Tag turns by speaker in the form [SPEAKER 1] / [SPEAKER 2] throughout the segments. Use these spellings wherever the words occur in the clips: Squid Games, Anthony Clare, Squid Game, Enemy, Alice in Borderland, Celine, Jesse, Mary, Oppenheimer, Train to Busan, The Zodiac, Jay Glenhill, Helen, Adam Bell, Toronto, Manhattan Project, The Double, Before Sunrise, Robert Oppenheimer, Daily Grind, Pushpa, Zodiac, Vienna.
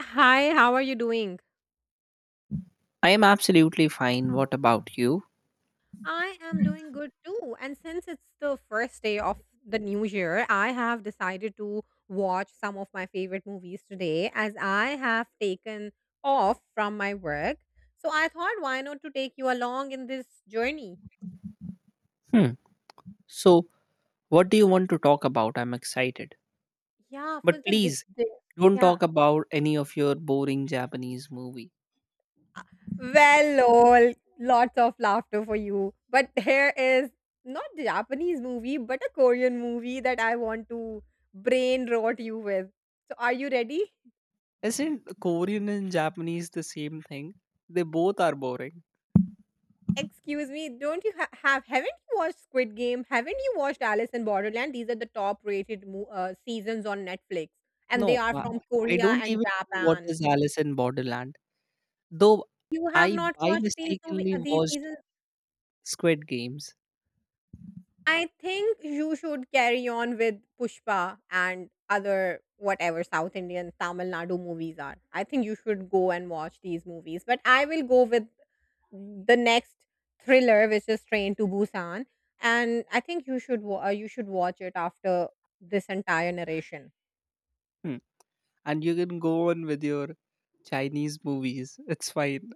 [SPEAKER 1] Hi, how are you doing?
[SPEAKER 2] I am absolutely fine. What about you?
[SPEAKER 1] I am doing good too. And since it's the first day of the new year, I have decided to watch some of my favorite movies today as I have taken off from my work. So I thought, why not to take you along in this journey?
[SPEAKER 2] Hmm. So, what do you want to talk about? I'm excited.
[SPEAKER 1] Yeah, for
[SPEAKER 2] But
[SPEAKER 1] the this,
[SPEAKER 2] please
[SPEAKER 1] this
[SPEAKER 2] don't
[SPEAKER 1] yeah.
[SPEAKER 2] talk about any of your boring Japanese movie.
[SPEAKER 1] Well, lol, lots of laughter for you. But here is not a Japanese movie, but a Korean movie that I want to brain rot you with. So, are you ready?
[SPEAKER 2] Isn't Korean and Japanese the same thing? They both are boring.
[SPEAKER 1] Excuse me, don't you haven't you watched Squid Game? Haven't you watched Alice in Borderland? These are the top rated seasons on Netflix, and they
[SPEAKER 2] No,
[SPEAKER 1] are from
[SPEAKER 2] I
[SPEAKER 1] Korea
[SPEAKER 2] don't
[SPEAKER 1] and
[SPEAKER 2] even know what
[SPEAKER 1] Japan.
[SPEAKER 2] is Alice in Borderland. Though
[SPEAKER 1] You have
[SPEAKER 2] I
[SPEAKER 1] not
[SPEAKER 2] by
[SPEAKER 1] watched these
[SPEAKER 2] mistakenly
[SPEAKER 1] these
[SPEAKER 2] watched
[SPEAKER 1] seasons.
[SPEAKER 2] Squid Games.
[SPEAKER 1] I think you should carry on with Pushpa and other whatever South Indian Tamil Nadu movies are. I think you should go and watch these movies. But I will go with the next thriller, which is Train to Busan, and I think you should you should watch it after this entire narration.
[SPEAKER 2] Hmm. And you can go on with your Chinese movies. It's fine.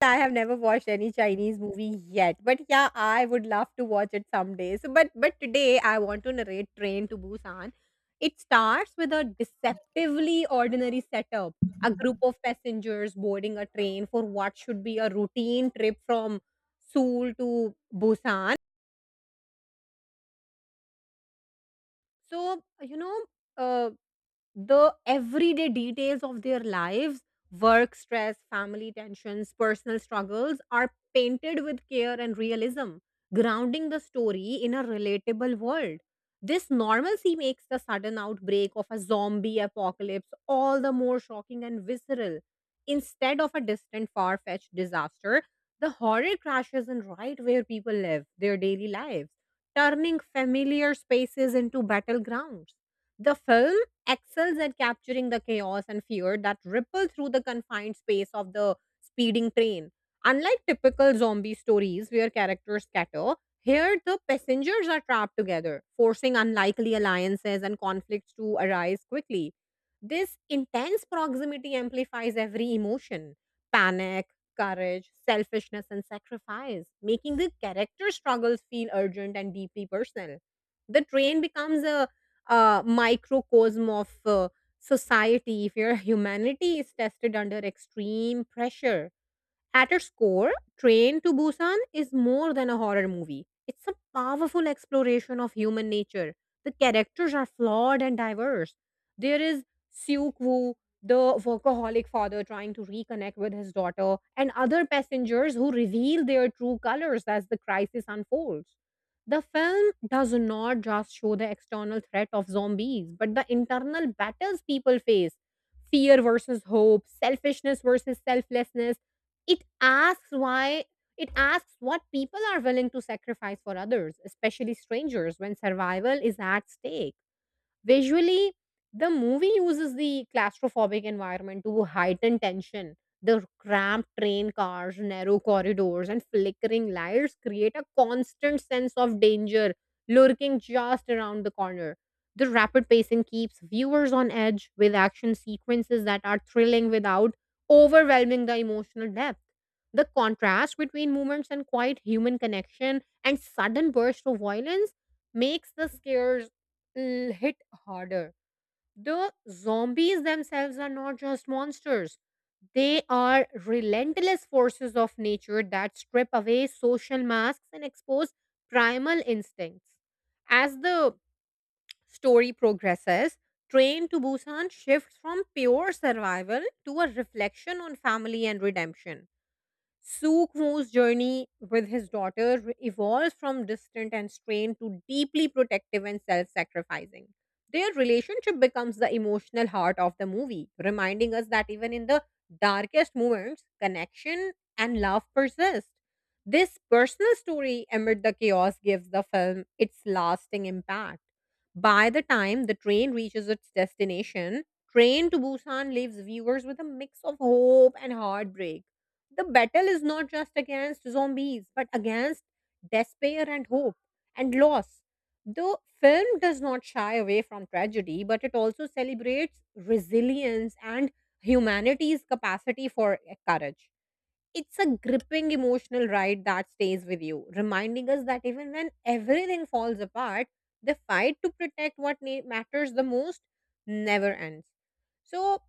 [SPEAKER 1] I have never watched any Chinese movie yet, but yeah, I would love to watch it someday. So, but today I want to narrate Train to Busan. It starts with a deceptively ordinary setup: a group of passengers boarding a train for what should be a routine trip from Seoul to Busan. So. Uh, the everyday details of their lives, work stress, family tensions, personal struggles, are painted with care and realism, grounding the story in a relatable world. This normalcy makes the sudden outbreak of a zombie apocalypse all the more shocking and visceral. Instead of a distant far-fetched disaster, the horror crashes in right where people live their daily lives, turning familiar spaces into battlegrounds. The film excels at capturing the chaos and fear that ripple through the confined space of the speeding train. Unlike typical zombie stories where characters scatter, here the passengers are trapped together, forcing unlikely alliances and conflicts to arise quickly. This intense proximity amplifies every emotion: panic, courage, selfishness, and sacrifice, making the character struggles feel urgent and deeply personal. The train becomes a microcosm of society, if your humanity is tested under extreme pressure. At its core, Train to Busan is more than a horror movie. It's a powerful exploration of human nature. The characters are flawed and diverse. There is Seok Woo, the workaholic father trying to reconnect with his daughter, and other passengers who reveal their true colors as the crisis unfolds. The film does not just show the external threat of zombies, but the internal battles people face: fear versus hope, selfishness versus selflessness. it asks why it asks what people are willing to sacrifice for others, especially strangers, when survival is at stake. Visually, the movie uses the claustrophobic environment to heighten tension. The cramped train cars, narrow corridors, and flickering lights create a constant sense of danger lurking just around the corner. The rapid pacing keeps viewers on edge with action sequences that are thrilling without overwhelming the emotional depth. The contrast between moments and quiet human connection and sudden bursts of violence makes the scares hit harder. The zombies themselves are not just monsters, they are relentless forces of nature that strip away social masks and expose primal instincts. As the story progresses, Train to Busan shifts from pure survival to a reflection on family and redemption. Sue Crew's journey with his daughter evolves from distant and strained to deeply protective and self sacrificing. Their relationship becomes the emotional heart of the movie, reminding us that even in the darkest moments, connection and love persist. This personal story amid the chaos gives the film its lasting impact. By the time the train reaches its destination, Train to Busan leaves viewers with a mix of hope and heartbreak. The battle is not just against zombies, but against despair and hope and loss. The film does not shy away from tragedy, but it also celebrates resilience and humanity's capacity for courage. It's a gripping emotional ride that stays with you, reminding us that even when everything falls apart, the fight to protect what matters the most never ends. So,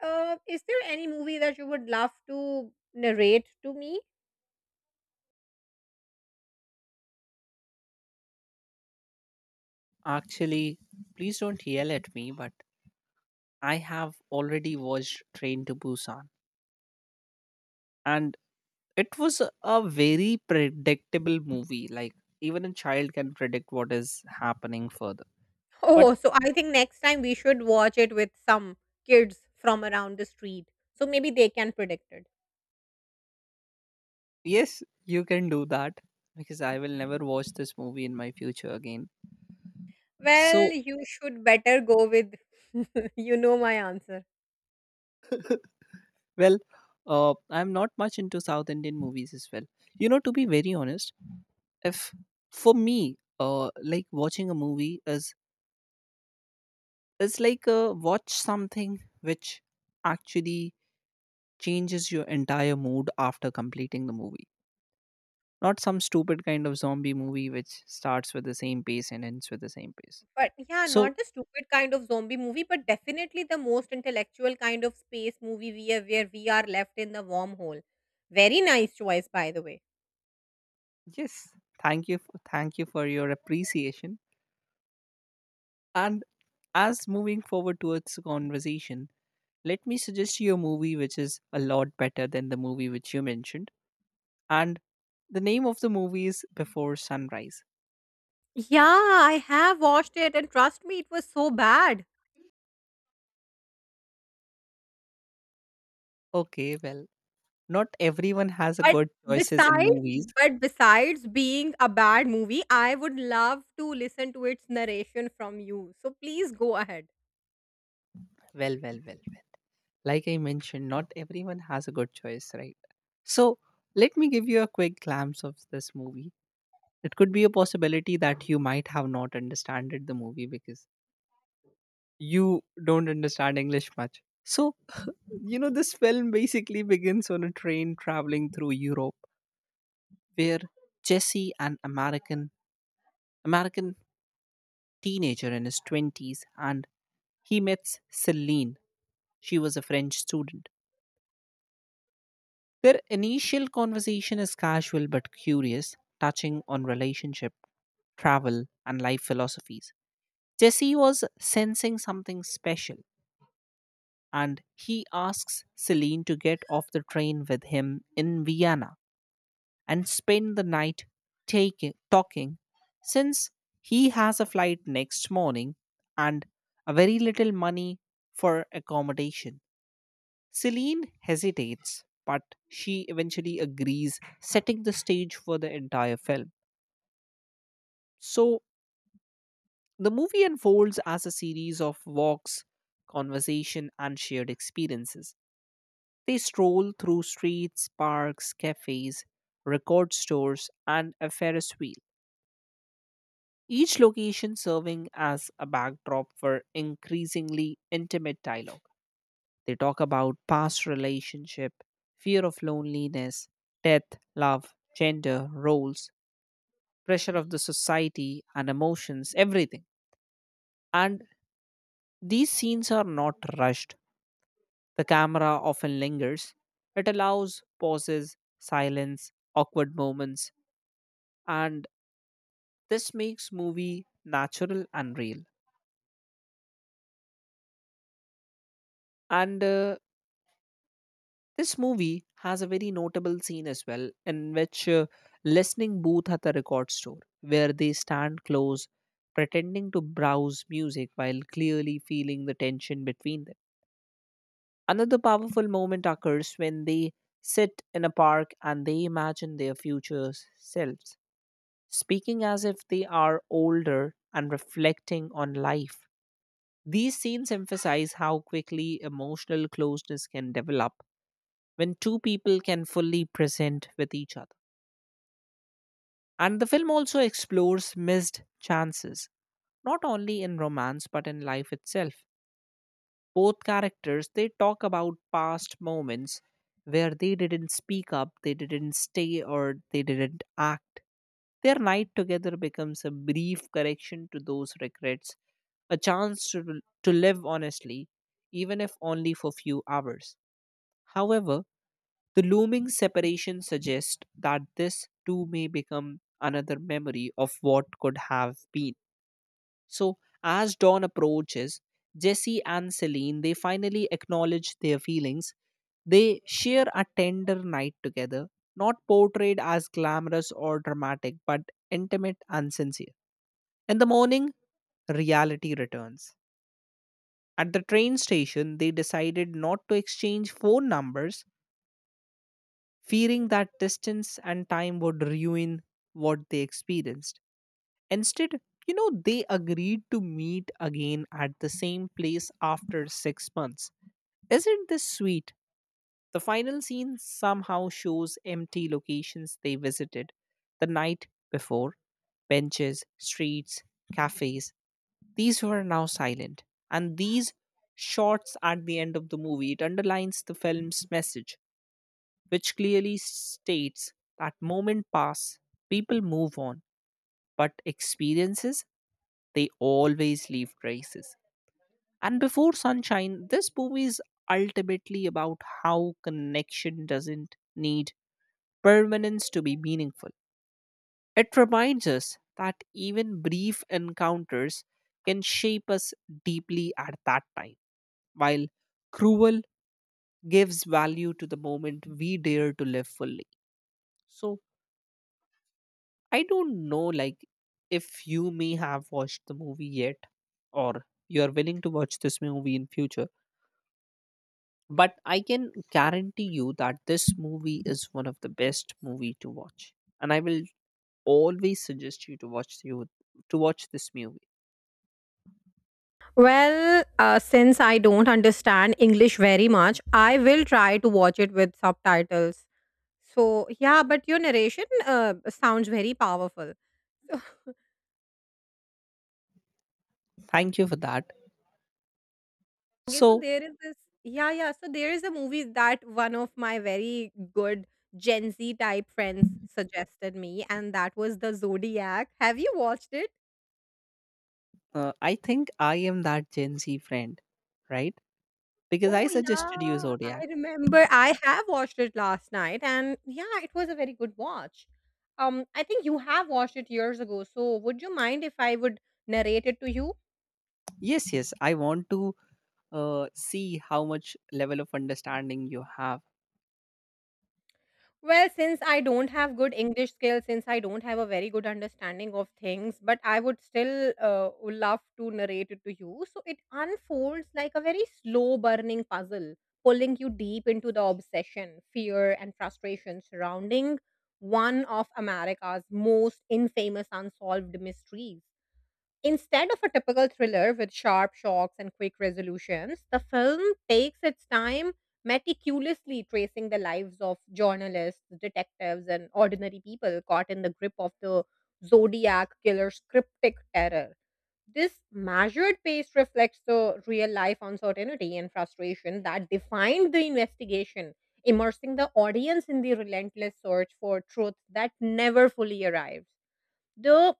[SPEAKER 1] is there any movie that you would love to narrate to me?
[SPEAKER 2] Actually, please don't yell at me, but I have already watched Train to Busan, and it was a very predictable movie. Like even a child can predict what is happening further. But
[SPEAKER 1] Oh, so I think next time we should watch it with some kids from around the street. So maybe they can predict it.
[SPEAKER 2] yes, you can do that because I will never watch this movie in my future again.
[SPEAKER 1] Well,
[SPEAKER 2] So
[SPEAKER 1] you should better go with you know my answer.
[SPEAKER 2] well, I'm not much into South Indian movies as well. You know, to be very honest, if for me, like watching a movie is like watch something which actually changes your entire mood after completing the movie. Not some stupid kind of zombie movie which starts with the same pace and ends with the same pace.
[SPEAKER 1] But yeah,
[SPEAKER 2] So
[SPEAKER 1] not the stupid kind of zombie movie, but definitely the most intellectual kind of space movie we are, where we are left in the wormhole. Very nice choice, by the way.
[SPEAKER 2] yes, thank you for your appreciation. And as moving forward towards the conversation, let me suggest you a movie which is a lot better than the movie which you mentioned. And the name of the movie is Before Sunrise.
[SPEAKER 1] Yeah, I have watched it, and trust me, it was so bad.
[SPEAKER 2] Okay, well, not everyone has a
[SPEAKER 1] But
[SPEAKER 2] good choices in
[SPEAKER 1] besides,
[SPEAKER 2] movies.
[SPEAKER 1] being a bad movie, I would love to listen to its narration from you. So please go ahead.
[SPEAKER 2] Well, well, well, well. Like I mentioned, not everyone has a good choice, right? So let me give you a quick glimpse of this movie. It could be a possibility that you might have not understood the movie because you don't understand English much. So, you know, this film basically begins on a train traveling through Europe where Jesse, an American teenager in his twenties, and he meets Celine. She was a French student. Their initial conversation is casual but curious, touching on relationship, travel, and life philosophies. Jesse was sensing something special, and he asks Celine to get off the train with him in Vienna and spend the night talking, since he has a flight next morning and a very little money for accommodation. Celine hesitates, but she eventually agrees, setting the stage for the entire film. So, the movie unfolds as a series of walks, conversation, and shared experiences. They stroll through streets, parks, cafes, record stores, and a Ferris wheel, each location serving as a backdrop for increasingly intimate dialogue. They talk about past relationship, fear of loneliness, death, love, gender, roles, pressure of the society and emotions, everything. And these scenes are not rushed. The camera often lingers. It allows pauses, silence, awkward moments, and this makes movie natural and real. And this movie has a very notable scene as well, in which listening booth at the record store, where they stand close, pretending to browse music while clearly feeling the tension between them. Another powerful moment occurs when they sit in a park and they imagine their future selves, speaking as if they are older and reflecting on life. These scenes emphasize how quickly emotional closeness can develop when two people can fully present with each other. And the film also explores missed chances, not only in romance but in life itself. Both characters they talk about past moments where they didn't speak up, they didn't stay or they didn't act. Their night together becomes a brief correction to those regrets, a chance to live honestly, even if only for few hours. However, the looming separation suggests that this too may become another memory of what could have been. So, as dawn approaches, Jesse and Celine they finally acknowledge their feelings. They share a tender night together, not portrayed as glamorous or dramatic, but intimate and sincere. In the morning, reality returns. At the train station, they decided not to exchange phone numbers fearing that distance and time would ruin what they experienced. Instead, you know, they agreed to meet again at the same place after 6 months. Isn't this sweet? The final scene somehow shows empty locations they visited the night before: benches, streets, cafes. These were now silent. And these shots at the end of the movie, it underlines the film's message which clearly states that moment pass, people move on, but experiences, they always leave traces. And before sunshine, this movie is ultimately about how connection doesn't need permanence to be meaningful. It reminds us that even brief encounters can shape us deeply at that time, while cruel gives value to the moment we dare to live fully. So, I don't know, like, if you may have watched the movie yet, or you are willing to watch this movie in future. But I can guarantee you that this movie is one of the best movie to watch, and I will always suggest you to watch this movie.
[SPEAKER 1] Well, since I don't understand English very much, I will try to watch it with subtitles. So, yeah, but your narration sounds very powerful.
[SPEAKER 2] Thank you for that.
[SPEAKER 1] Okay, so
[SPEAKER 2] So
[SPEAKER 1] there is this, yeah, yeah. So there is a movie that one of my very good Gen Z type friends suggested me, and that was The Zodiac. Have you watched it?
[SPEAKER 2] I think I am that Gen Z friend, right? Because I
[SPEAKER 1] Oh,
[SPEAKER 2] suggested you
[SPEAKER 1] yeah.
[SPEAKER 2] Zodiac.
[SPEAKER 1] I remember I have watched it last night, and yeah, it was a very good watch. I think you have watched it years ago, so would you mind if I would narrate it to you?
[SPEAKER 2] Yes, yes. I want to see how much level of understanding you have.
[SPEAKER 1] Well, since I don't have good English skills, since I don't have a very good understanding of things, but I would still would love to narrate it to you. So it unfolds like a very slow burning puzzle, pulling you deep into the obsession, fear, and frustration surrounding one of America's most infamous unsolved mysteries. Instead of a typical thriller with sharp shocks and quick resolutions, the film takes its time, meticulously tracing the lives of journalists, detectives, and ordinary people caught in the grip of the Zodiac killer's cryptic terror. This measured pace reflects the real life uncertainty and frustration that defined the investigation, immersing the audience in the relentless search for truth that never fully arrives. The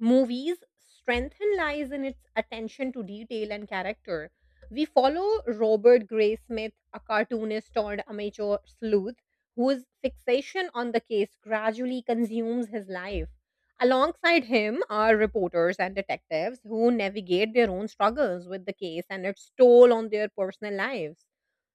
[SPEAKER 1] Movies' strength lies in its attention to detail and character. We follow Robert Gray Smith, a cartoonist turned amateur sleuth, whose fixation on the case gradually consumes his life. Alongside him are reporters and detectives who navigate their own struggles with the case and its toll on their personal lives.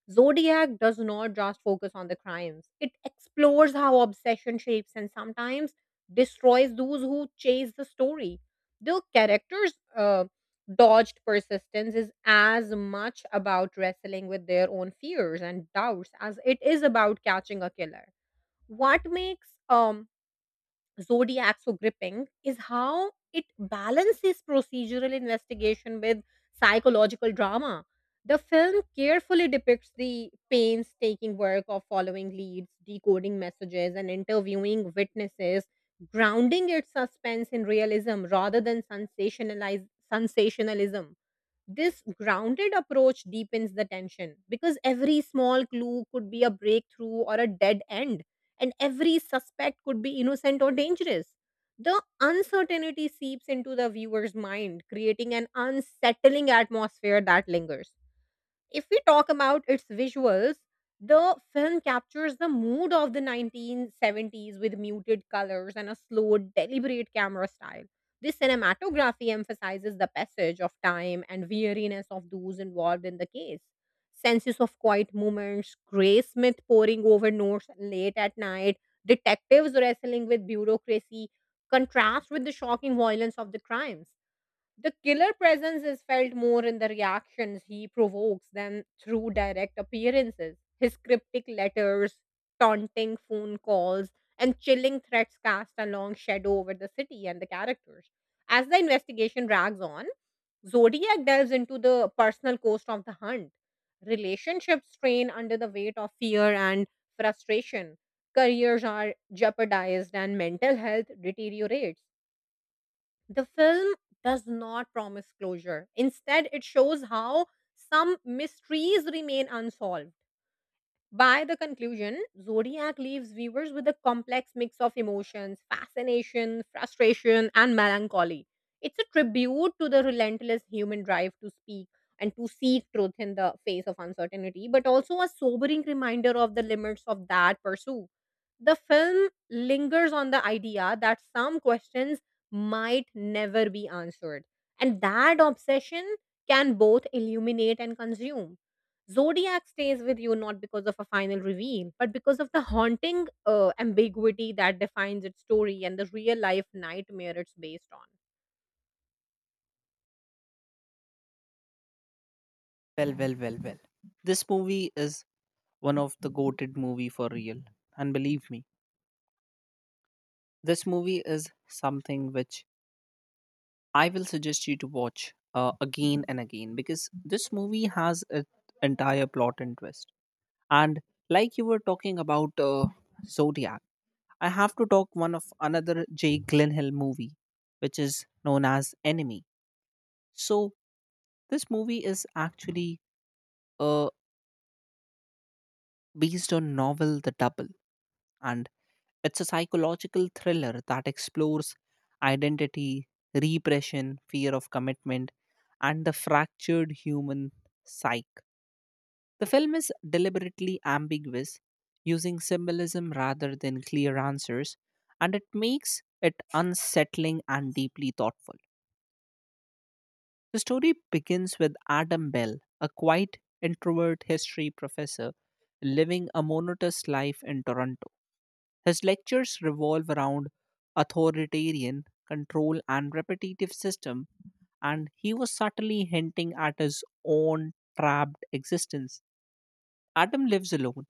[SPEAKER 1] Zodiac does not just focus on the crimes, it explores how obsession shapes and sometimes destroys those who chase the story. The characters' dodged persistence is as much about wrestling with their own fears and doubts as it is about catching a killer. What makes Zodiac so gripping is how it balances procedural investigation with psychological drama. The film carefully depicts the painstaking work of following leads, decoding messages, and interviewing witnesses, grounding its suspense in realism rather than sensationalism. This grounded approach deepens the tension because every small clue could be a breakthrough or a dead end, and every suspect could be innocent or dangerous. The uncertainty seeps into the viewer's mind, creating an unsettling atmosphere that lingers. If we talk about its visuals, the film captures the mood of the 1970s with muted colors and a slow, deliberate camera style. This cinematography emphasizes the passage of time and weariness of those involved in the case. Senses of quiet moments, Gray Smith poring over notes late at night, detectives wrestling with bureaucracy, contrast with the shocking violence of the crimes. The killer presence is felt more in the reactions he provokes than through direct appearances. His cryptic letters, taunting phone calls, and chilling threats cast a long shadow over the city and the characters. As the investigation drags on, Zodiac delves into the personal cost of the hunt. Relationships strain under the weight of fear and frustration. Careers are jeopardized and mental health deteriorates. The film does not promise closure. Instead, it shows how some mysteries remain unsolved. By the conclusion, Zodiac leaves viewers with a complex mix of emotions: fascination, frustration, and melancholy. It's a tribute to the relentless human drive to speak and to seek truth in the face of uncertainty, but also a sobering reminder of the limits of that pursuit. The film lingers on the idea that some questions might never be answered, and that obsession can both illuminate and consume. Zodiac stays with you not because of a final reveal, but because of the haunting ambiguity that defines its story and the real life nightmare it's based on.
[SPEAKER 2] Well, well, well, well. This movie is one of the goated movie for real. And believe me, this movie is something which I will suggest you to watch again and again because this movie has an entire plot and twist. And like you were talking about Zodiac, I have to talk one of another Jay Glenhill movie, which is known as Enemy. So this movie is actually uh, based on novel The Double, and it's a psychological thriller that explores identity, repression, fear of commitment, and the fractured human psyche. The film is deliberately ambiguous, using symbolism rather than clear answers, and it makes it unsettling and deeply thoughtful. The story begins with Adam Bell, a quiet introvert history professor living a monotonous life in Toronto. His lectures revolve around authoritarian control and repetitive system, and he was subtly hinting at his own trapped existence. Adam lives alone,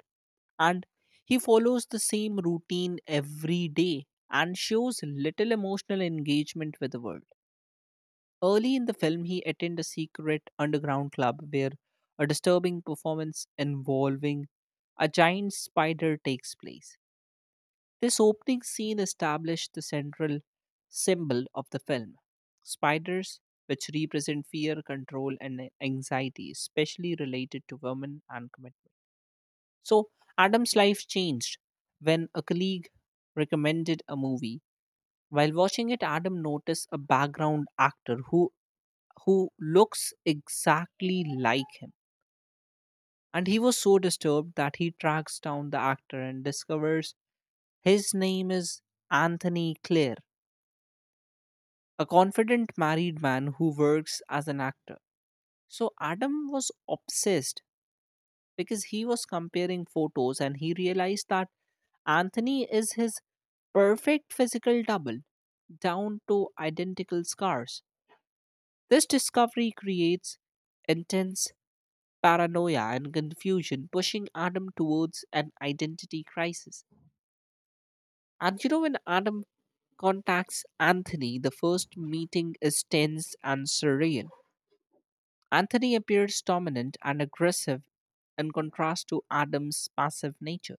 [SPEAKER 2] and he follows the same routine every day and shows little emotional engagement with the world. Early in the film, he attended a secret underground club where a disturbing performance involving a giant spider takes place. This opening scene established the central symbol of the film spiders, which represent fear, control, and anxiety, especially related to women and commitment. So, Adam's life changed when a colleague recommended a movie. While watching it, Adam noticed a background actor who looks exactly like him. And he was so disturbed that he tracks down the actor and discovers his name is Anthony Clare, a confident married man who works as an actor. So Adam was obsessed because he was comparing photos and he realized that Anthony is his perfect physical double down to identical scars. This discovery creates intense paranoia and confusion, pushing Adam towards an identity crisis. And you know, when Adam contacts Anthony, the first meeting is tense and surreal. Anthony appears dominant and aggressive in contrast to Adam's passive nature.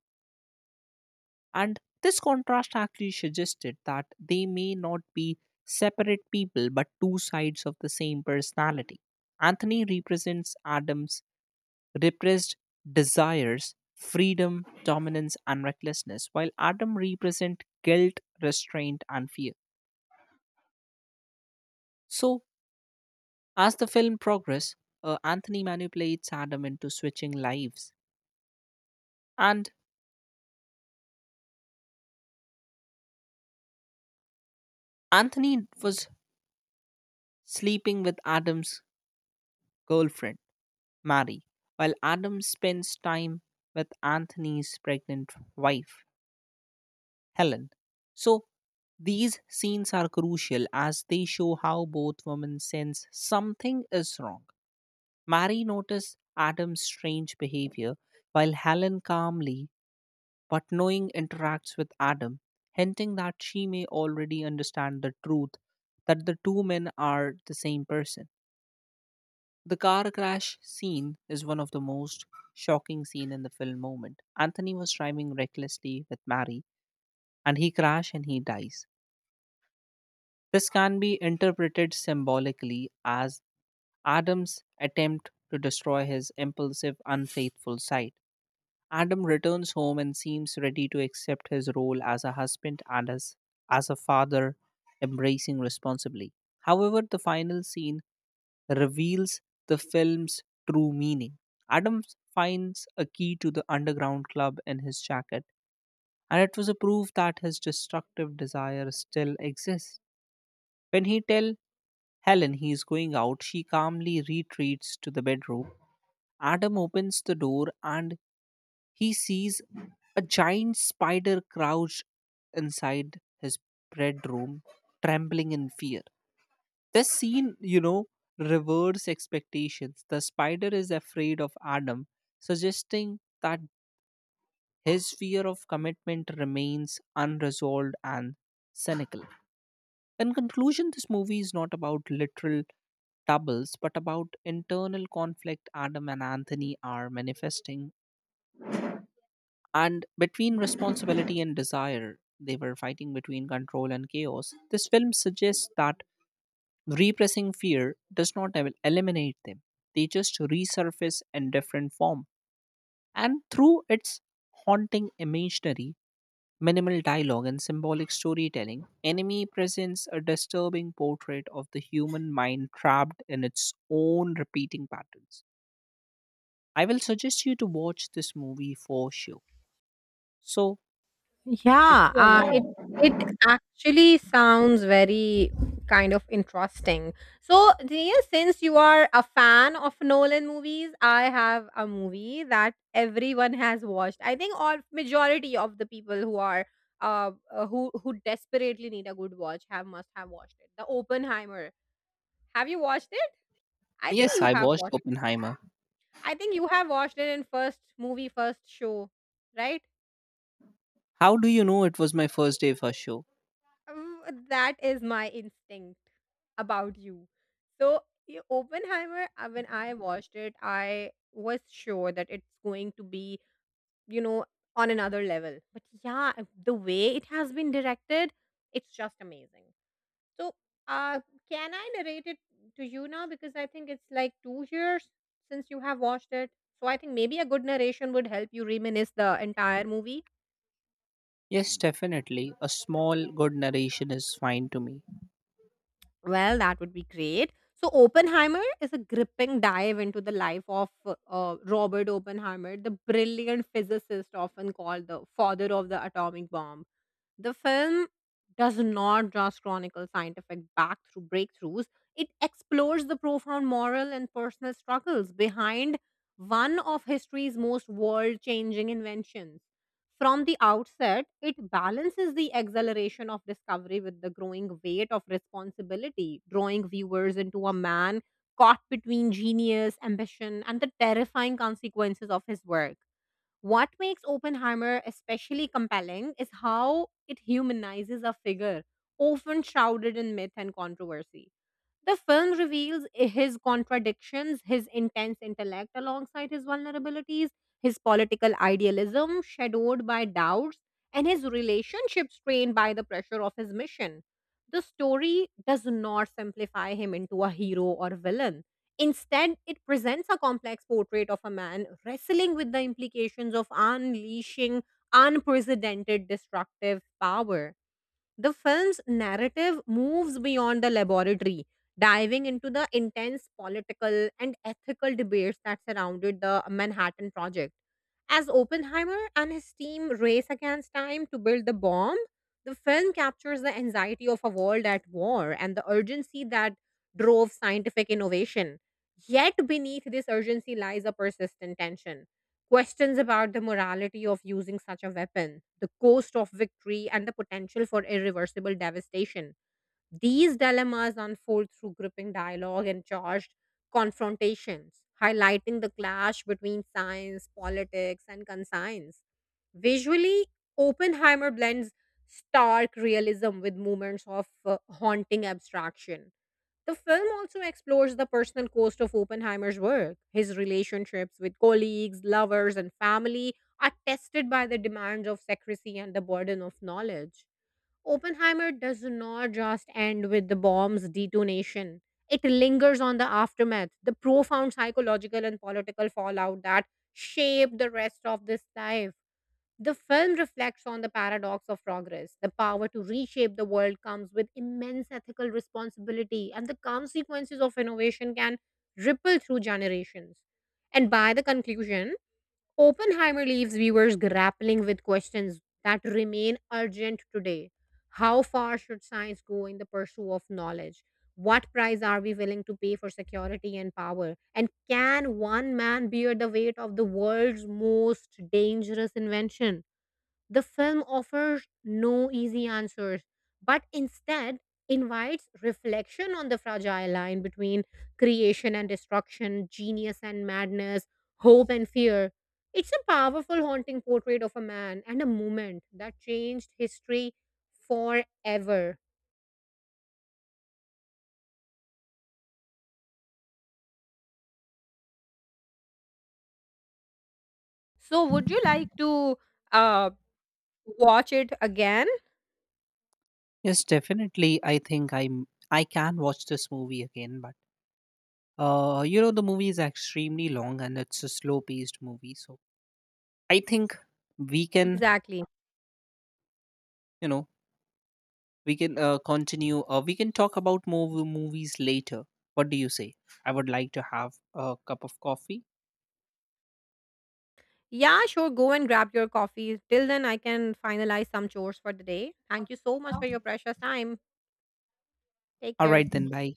[SPEAKER 2] And this contrast actually suggested that they may not be separate people but two sides of the same personality. Anthony represents Adam's repressed desires, freedom, dominance, and recklessness, while Adam represent guilt, restraint, and fear. So, as the film progresses, Anthony manipulates Adam into switching lives. And Anthony was sleeping with Adam's girlfriend, Mary, while Adam spends time with Anthony's pregnant wife, Helen. So these scenes are crucial as they show how both women sense something is wrong. Mary notices Adam's strange behavior, while Helen calmly but knowing interacts with Adam, hinting that she may already understand the truth that the two men are the same person. The car crash scene is one of the most shocking scene in the film moment. Anthony was driving recklessly with Mary and he crash and he dies. This can be interpreted symbolically as Adam's attempt to destroy his impulsive, unfaithful side. Adam returns home and seems ready to accept his role as a husband and as a father, embracing responsibly. However, the final scene reveals the film's true meaning. Adam finds a key to the underground club in his jacket, and it was a proof that his destructive desire still exists. When he tell Helen, he is going out. She calmly retreats to the bedroom. Adam opens the door and he sees a giant spider crouched inside his bedroom, trembling in fear. This scene, you know, reverse expectations. The spider is afraid of Adam, suggesting that his fear of commitment remains unresolved and cynical. In conclusion, this movie is not about literal doubles, but about internal conflict Adam and Anthony are manifesting. And between responsibility and desire, they were fighting between control and chaos. This film suggests that repressing fear does not eliminate them, they just resurface in different form. And through its haunting imaginary, minimal dialogue and symbolic storytelling, Enemy presents a disturbing portrait of the human mind trapped in its own repeating patterns. I will suggest you to watch this movie for sure. So, if
[SPEAKER 1] Yeah,
[SPEAKER 2] you allow.
[SPEAKER 1] it actually sounds very kind of interesting. So, Jia, since you are a fan of Nolan movies, I have a movie that everyone has watched. I think all majority of the people who are who desperately need a good watch have must have watched it. The Oppenheimer. Have you watched it? I think
[SPEAKER 2] Yes,
[SPEAKER 1] you
[SPEAKER 2] I
[SPEAKER 1] have
[SPEAKER 2] watched
[SPEAKER 1] watched.
[SPEAKER 2] Oppenheimer.
[SPEAKER 1] I think you have watched it in first movie, first show, right?
[SPEAKER 2] How do you know it was my first day for show?
[SPEAKER 1] Um, That is my instinct. About you. So, yeah, Oppenheimer, when I watched it, I was sure that it's going to be, you know, on another level. But yeah, the way it has been directed, it's just amazing. So, uh, can I narrate it to you now? Because I think it's like 2 years since you have watched it. So, I think maybe a good narration would help you reminisce the entire movie.
[SPEAKER 2] Yes, definitely. A small, good narration is fine to me.
[SPEAKER 1] Well, that would be great. So, Oppenheimer is a gripping dive into the life of Robert Oppenheimer, the brilliant physicist often called the father of the atomic bomb. The film does not just chronicle scientific back through breakthroughs, it explores the profound moral and personal struggles behind one of history's most world changing inventions. From the outset, it balances the exhilaration of discovery with the growing weight of responsibility, drawing viewers into a man caught between genius, ambition, and the terrifying consequences of his work. What makes Oppenheimer especially compelling is how it humanizes a figure often shrouded in myth and controversy, the film reveals his contradictions, his intense intellect alongside his vulnerabilities, his political idealism shadowed by doubts, and his relationship strained by the pressure of his mission. The story does not simplify him into a hero or villain. Instead, it presents a complex portrait of a man wrestling with the implications of unleashing unprecedented destructive power. The film's narrative moves beyond the laboratory, diving into the intense political and ethical debates that surrounded the Manhattan Project. As Oppenheimer and his team race against time to build the bomb, the film captures the anxiety of a world at war and the urgency that drove scientific innovation. Yet, beneath this urgency lies a persistent tension. Questions about the morality of using such a weapon, the cost of victory, and the potential for irreversible devastation. These dilemmas unfold through gripping dialogue and charged confrontations, highlighting the clash between science, politics, and conscience. Visually, Oppenheimer blends stark realism with moments of haunting abstraction, the film also explores the personal cost of Oppenheimer's work. His relationships with colleagues, lovers, and family are tested by the demands of secrecy and the burden of knowledge. Oppenheimer does not just end with the bomb's detonation, it lingers on the aftermath, the profound psychological and political fallout that shaped the rest of this life. The film reflects on the paradox of progress. The power to reshape the world comes with immense ethical responsibility, and the consequences of innovation can ripple through generations. And by the conclusion, Oppenheimer leaves viewers grappling with questions that remain urgent today. How far should science go in the pursuit of knowledge? What price are we willing to pay for security and power? And can one man bear the weight of the world's most dangerous invention? The film offers no easy answers, but instead invites reflection on the fragile line between creation and destruction, genius and madness, hope and fear. It's a powerful, haunting portrait of a man and a moment that changed history forever. So, would you like to uh, watch it again?
[SPEAKER 2] Yes, definitely. I think I'm. I can watch this movie again, but you know the movie is extremely long and it's a slow-paced movie, so I think we can,
[SPEAKER 1] Exactly.
[SPEAKER 2] you know, we can continue or we can talk about more movies later. What do you say? I would like to have a cup of coffee.
[SPEAKER 1] Yeah, sure. Go and grab your coffee. Till then, I can finalize some chores for the day. Thank you so much for your precious time. Take
[SPEAKER 2] All
[SPEAKER 1] care.
[SPEAKER 2] right, then, bye.